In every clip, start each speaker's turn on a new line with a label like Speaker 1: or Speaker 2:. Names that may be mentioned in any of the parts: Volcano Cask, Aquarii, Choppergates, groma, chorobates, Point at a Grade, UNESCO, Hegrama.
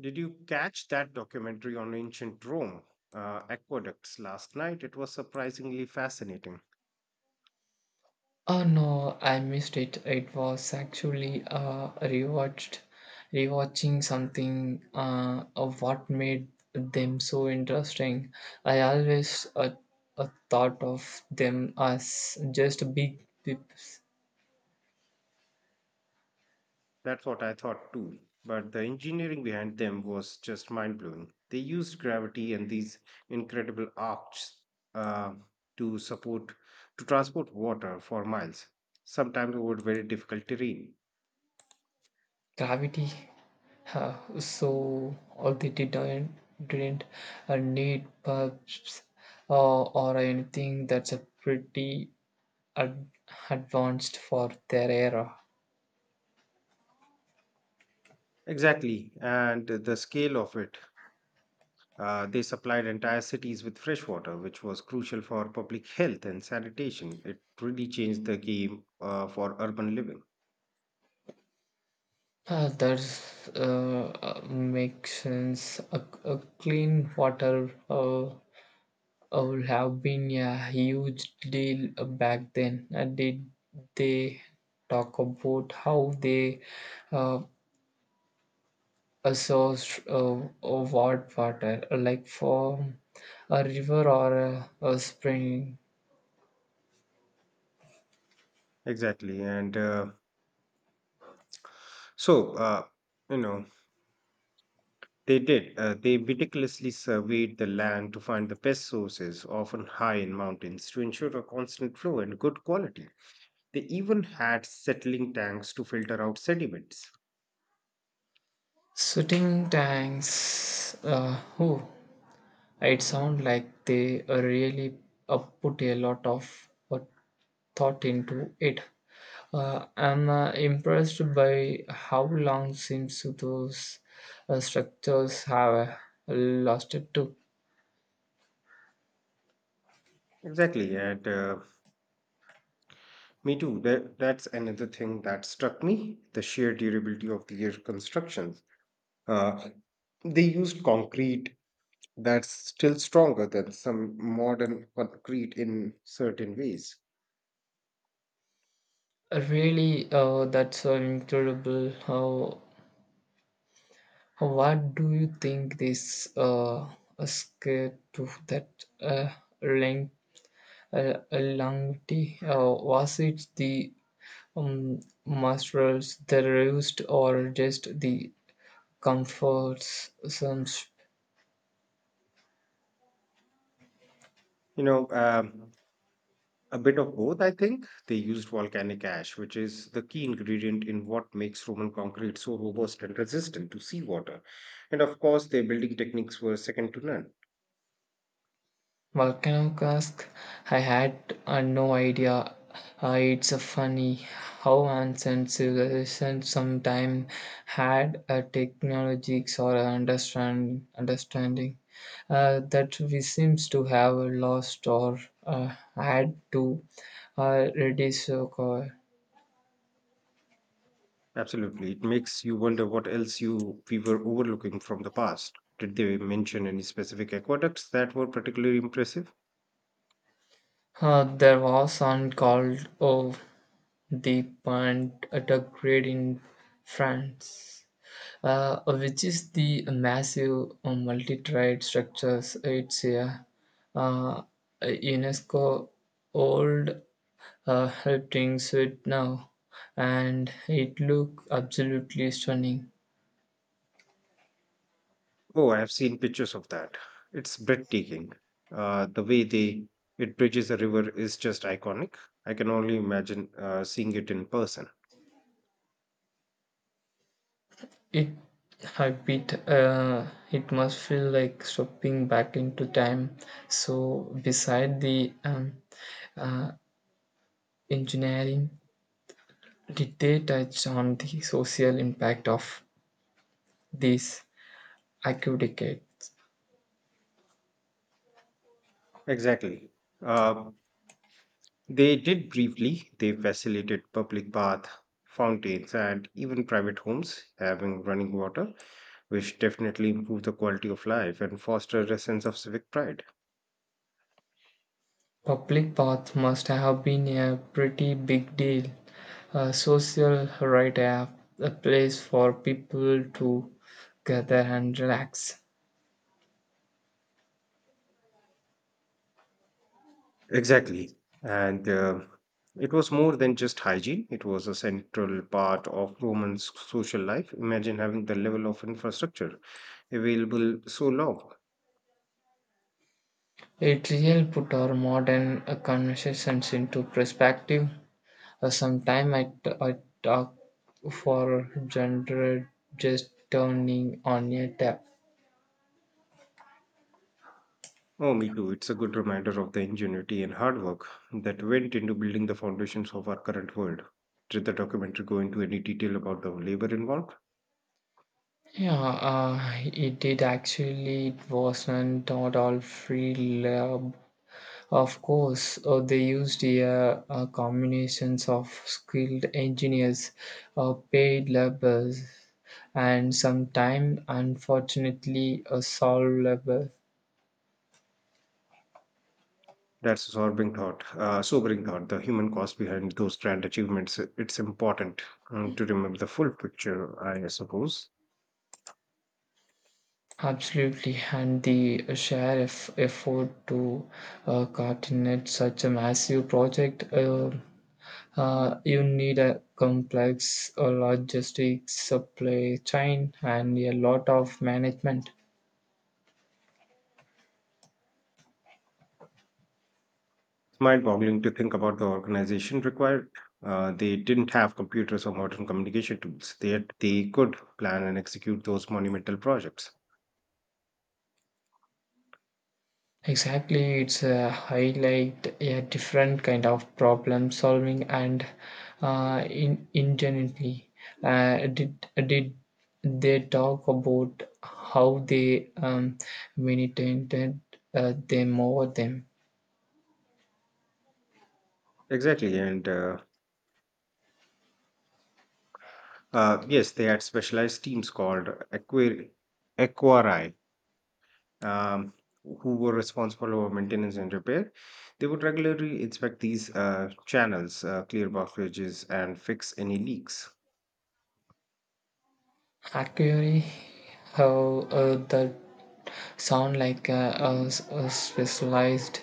Speaker 1: Did you catch that documentary on ancient Rome, aqueducts, last night? It was surprisingly fascinating.
Speaker 2: Oh no, I missed it. It was actually rewatching something of what made them so interesting. I always thought of them as just big pips,
Speaker 1: That's what I thought too. But the engineering behind them was just mind blowing. They used gravity and these incredible arches uh, to to transport water for miles, sometimes over very difficult terrain.
Speaker 2: gravity. So all they didn't need pubs or anything that's a pretty ad- advanced for their era.
Speaker 1: Exactly. And the scale of it. They supplied entire cities with fresh water, which was crucial for public health and sanitation. It really changed the game for urban living.
Speaker 2: Ah, that's makes sense. A clean water would have been a huge deal back then. Did they talk about how they uh, sourced what water, like from a river or a spring?
Speaker 1: Exactly. And so, you know, They did. They meticulously surveyed the land to find the best sources, often high in mountains, to ensure a constant flow and good quality. They even had settling tanks to filter out sediments.
Speaker 2: Sitting tanks. Oh, it sounds like they really put a lot of thought into it. I'm impressed by how long since those structures have lasted to.
Speaker 1: Exactly. And Me too. That's another thing that struck me, the sheer durability of their constructions. Uh, they used concrete that's still stronger than some modern concrete in certain ways.
Speaker 2: Really, that's incredible. How, what do you think this escape to that length, longevity? Was it the muscles, the rust, or just the comforts? Some
Speaker 1: You know, um, a bit of both, I think. They used volcanic ash, which is the key ingredient in what makes Roman concrete so robust and resistant to seawater. And of course, their building techniques were second to none.
Speaker 2: Volcano Cask, I had no idea. It's funny how ancient civilizations sometimes had a technologies or a understanding that we seems to have lost or had to reduce.
Speaker 1: Absolutely. It makes you wonder what else you we were overlooking from the past. Did they mention any specific aqueducts that were particularly impressive?
Speaker 2: There was one called of the Point at a Grade in France which is the massive multi-tried structures. It's a uh, UNESCO old helpings it now, and it look absolutely stunning.
Speaker 1: Oh, I have seen pictures of that. It's breathtaking. The way they It bridges a river is just iconic. I can only imagine seeing it in person.
Speaker 2: It I bit it must feel like stepping back into time. So beside the uh, engineering, did they touch on the social impact of these active decades?
Speaker 1: Exactly. Uh, They did briefly. They facilitated public bath, fountains, and even private homes having running water, which definitely improved the quality of life and fostered a sense of civic pride.
Speaker 2: Public bath must have been a pretty big deal. A social right app, a place for people to gather and relax.
Speaker 1: Exactly. And It was more than just hygiene, it was a central part of Roman social life. Imagine having the level of infrastructure available so long.
Speaker 2: It really put our modern conversations into perspective. Sometime I talk for gender just turning on a tap.
Speaker 1: Oh, me too. It's a good reminder of the ingenuity and hard work that went into building the foundations of our current world. Did the documentary go into any detail about the labor involved?
Speaker 2: Yeah, it did actually. It wasn't at all free love. Of course, they used a combinations of skilled engineers, paid laborers, and sometimes, unfortunately, a soul labor.
Speaker 1: That's a sobering thought. The human cost behind those grand achievements. It's important to remember the full picture, I suppose.
Speaker 2: Absolutely, and the sheriff effort to coordinate such a massive project, you need a complex logistics supply chain and a lot of management.
Speaker 1: It's mind-boggling to think about the organization required. They didn't have computers or modern communication tools. They could plan and execute those monumental projects.
Speaker 2: Exactly, it's a highlight a different kind of problem solving and in ingenuity. Did they talk about how they manipulated them over them?
Speaker 1: Exactly, and Yes, they had specialized teams called Aquari, Aquarii, um, who were responsible for maintenance and repair. They would regularly inspect these channels, clear blockages, and fix any leaks.
Speaker 2: Actually, how the sound like a specialized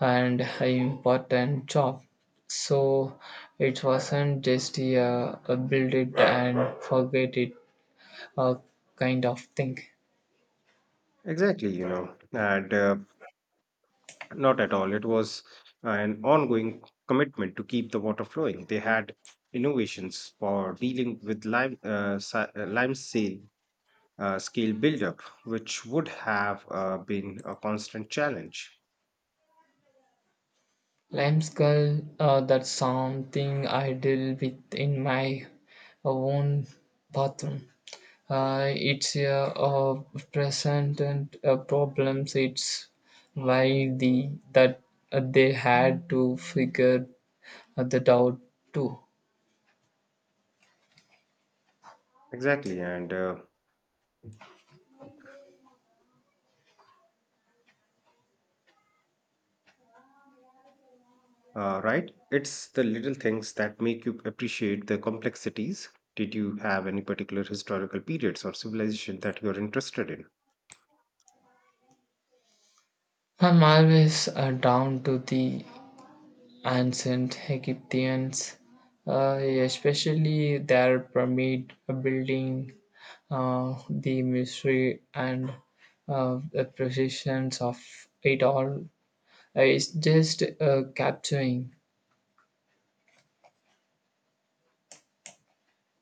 Speaker 2: and important job. So it wasn't just a build it and forget it uh, kind of thing.
Speaker 1: Exactly, you know, and Not at all. It was an ongoing commitment to keep the water flowing. They had innovations for dealing with lime scale buildup, which would have been a constant challenge.
Speaker 2: Lime skull, that's something I deal with in my own bathroom. It's a, uh present and problems. It's why the that they had to figure at the doubt too.
Speaker 1: Exactly, and Right, it's the little things that make you appreciate the complexities. Did you have any particular historical periods or civilization that you're interested in?
Speaker 2: I'm always down to the ancient Egyptians, uh, especially their pyramid building, the mystery and the precisions of it all. It's just capturing.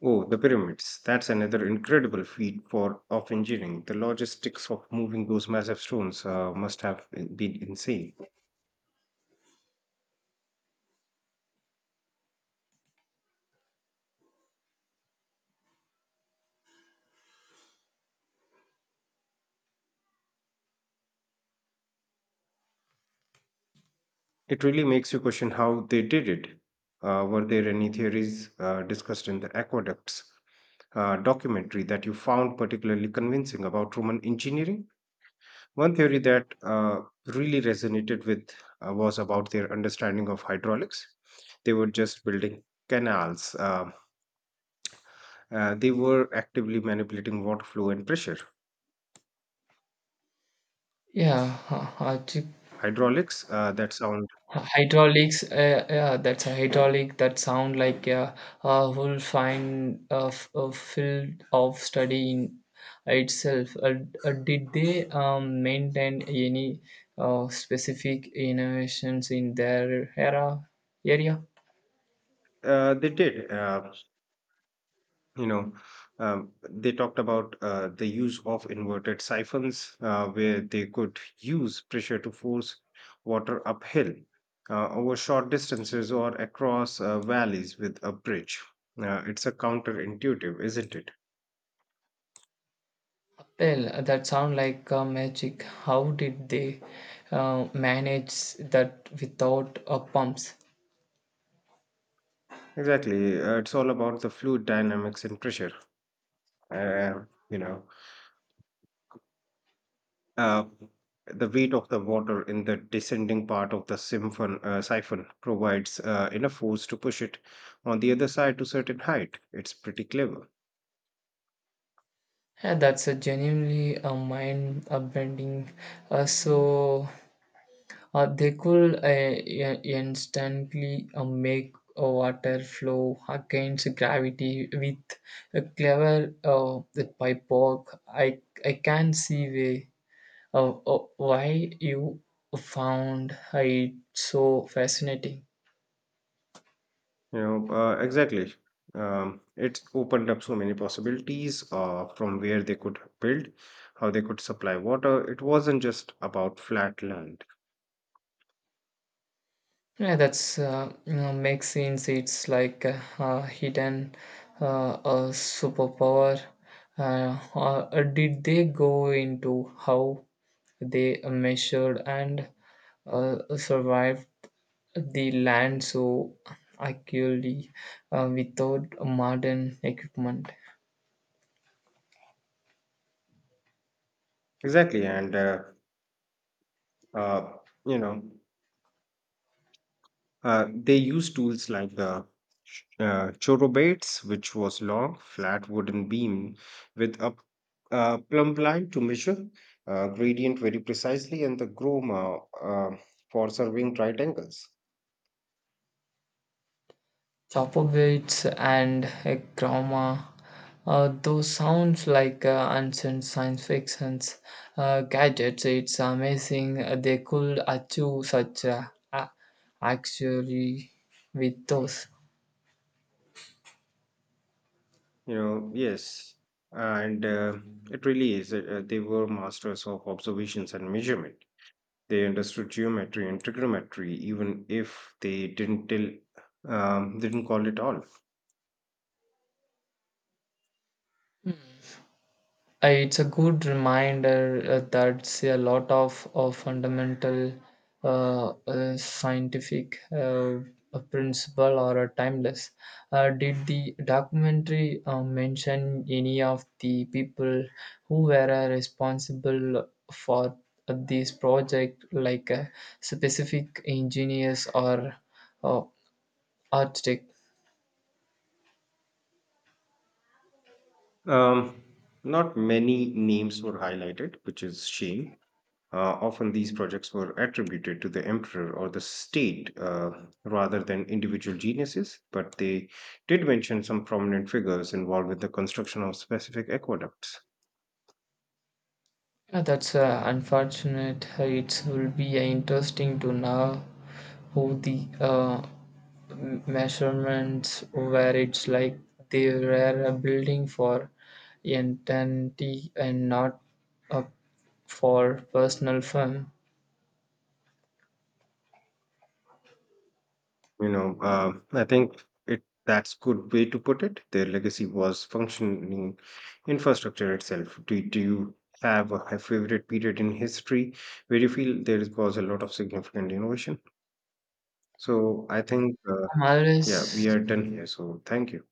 Speaker 1: Oh, the pyramids. That's another incredible feat for of engineering. The logistics of moving those massive stones must have been insane. It really makes you question how they did it. Were there any theories discussed in the aqueducts documentary that you found particularly convincing about Roman engineering? One theory that really resonated with was about their understanding of hydraulics. They were just building canals. They were actively manipulating water flow and pressure.
Speaker 2: Yeah,
Speaker 1: Hydraulics,
Speaker 2: Hydraulics, yeah, that's a hydraulic that sound like a whole fine a field of study in itself. Did they maintain any specific innovations in their era area?
Speaker 1: they did. You know they talked about the use of inverted siphons where they could use pressure to force water uphill over short distances or across valleys with a bridge. It's a counterintuitive, isn't it?
Speaker 2: Well, that sound like magic. How did they manage that without pumps?
Speaker 1: Exactly. It's all about the fluid dynamics and pressure. uh, you know Uh, the weight of the water in the descending part of the siphon provides enough force to push it on the other side to certain height. It's pretty clever.
Speaker 2: Yeah, that's a genuinely a mind bending. Uh, so they could instantly make water flow against gravity with a clever the pipework. I can see way why you found it so fascinating.
Speaker 1: Exactly. It's opened up so many possibilities from where they could build, how they could supply water. It wasn't just about flat land.
Speaker 2: Yeah, that's makes scenes. It's like a hidden a superpower. Did they go into how they measured and survived the land so accurately without modern equipment?
Speaker 1: Exactly. Uh, you know, they used tools like the chorobates, which was long, flat wooden beam with a plumb line to measure gradient very precisely, and the groma for serving right angles.
Speaker 2: Choppergates and Hegrama. Those sounds like ancient science fictions gadgets. It's amazing they could achieve such a- actually with those.
Speaker 1: Yes, and it really is. They were masters of observations and measurement. They understood geometry and trigonometry, even if they didn't tell, they didn't call it all.
Speaker 2: It's a good reminder that a lot of fundamental scientific a principle or a timeless. Did the documentary mention any of the people who were responsible for this project, like specific engineers or uh, architect?
Speaker 1: Um, Not many names were highlighted, which is shame. Often these projects were attributed to the emperor or the state rather than individual geniuses, but they did mention some prominent figures involved with the construction of specific aqueducts.
Speaker 2: That's unfortunate. It will be interesting to know Oh, the measurements where it's like they were a building for entity and not uh, for personal fun.
Speaker 1: I think it that's good way to put it. Their legacy was functioning infrastructure itself. Do you have a favorite period in history where you feel there was a lot of significant innovation? So I think,
Speaker 2: Um,
Speaker 1: yeah, we are done here. So thank you.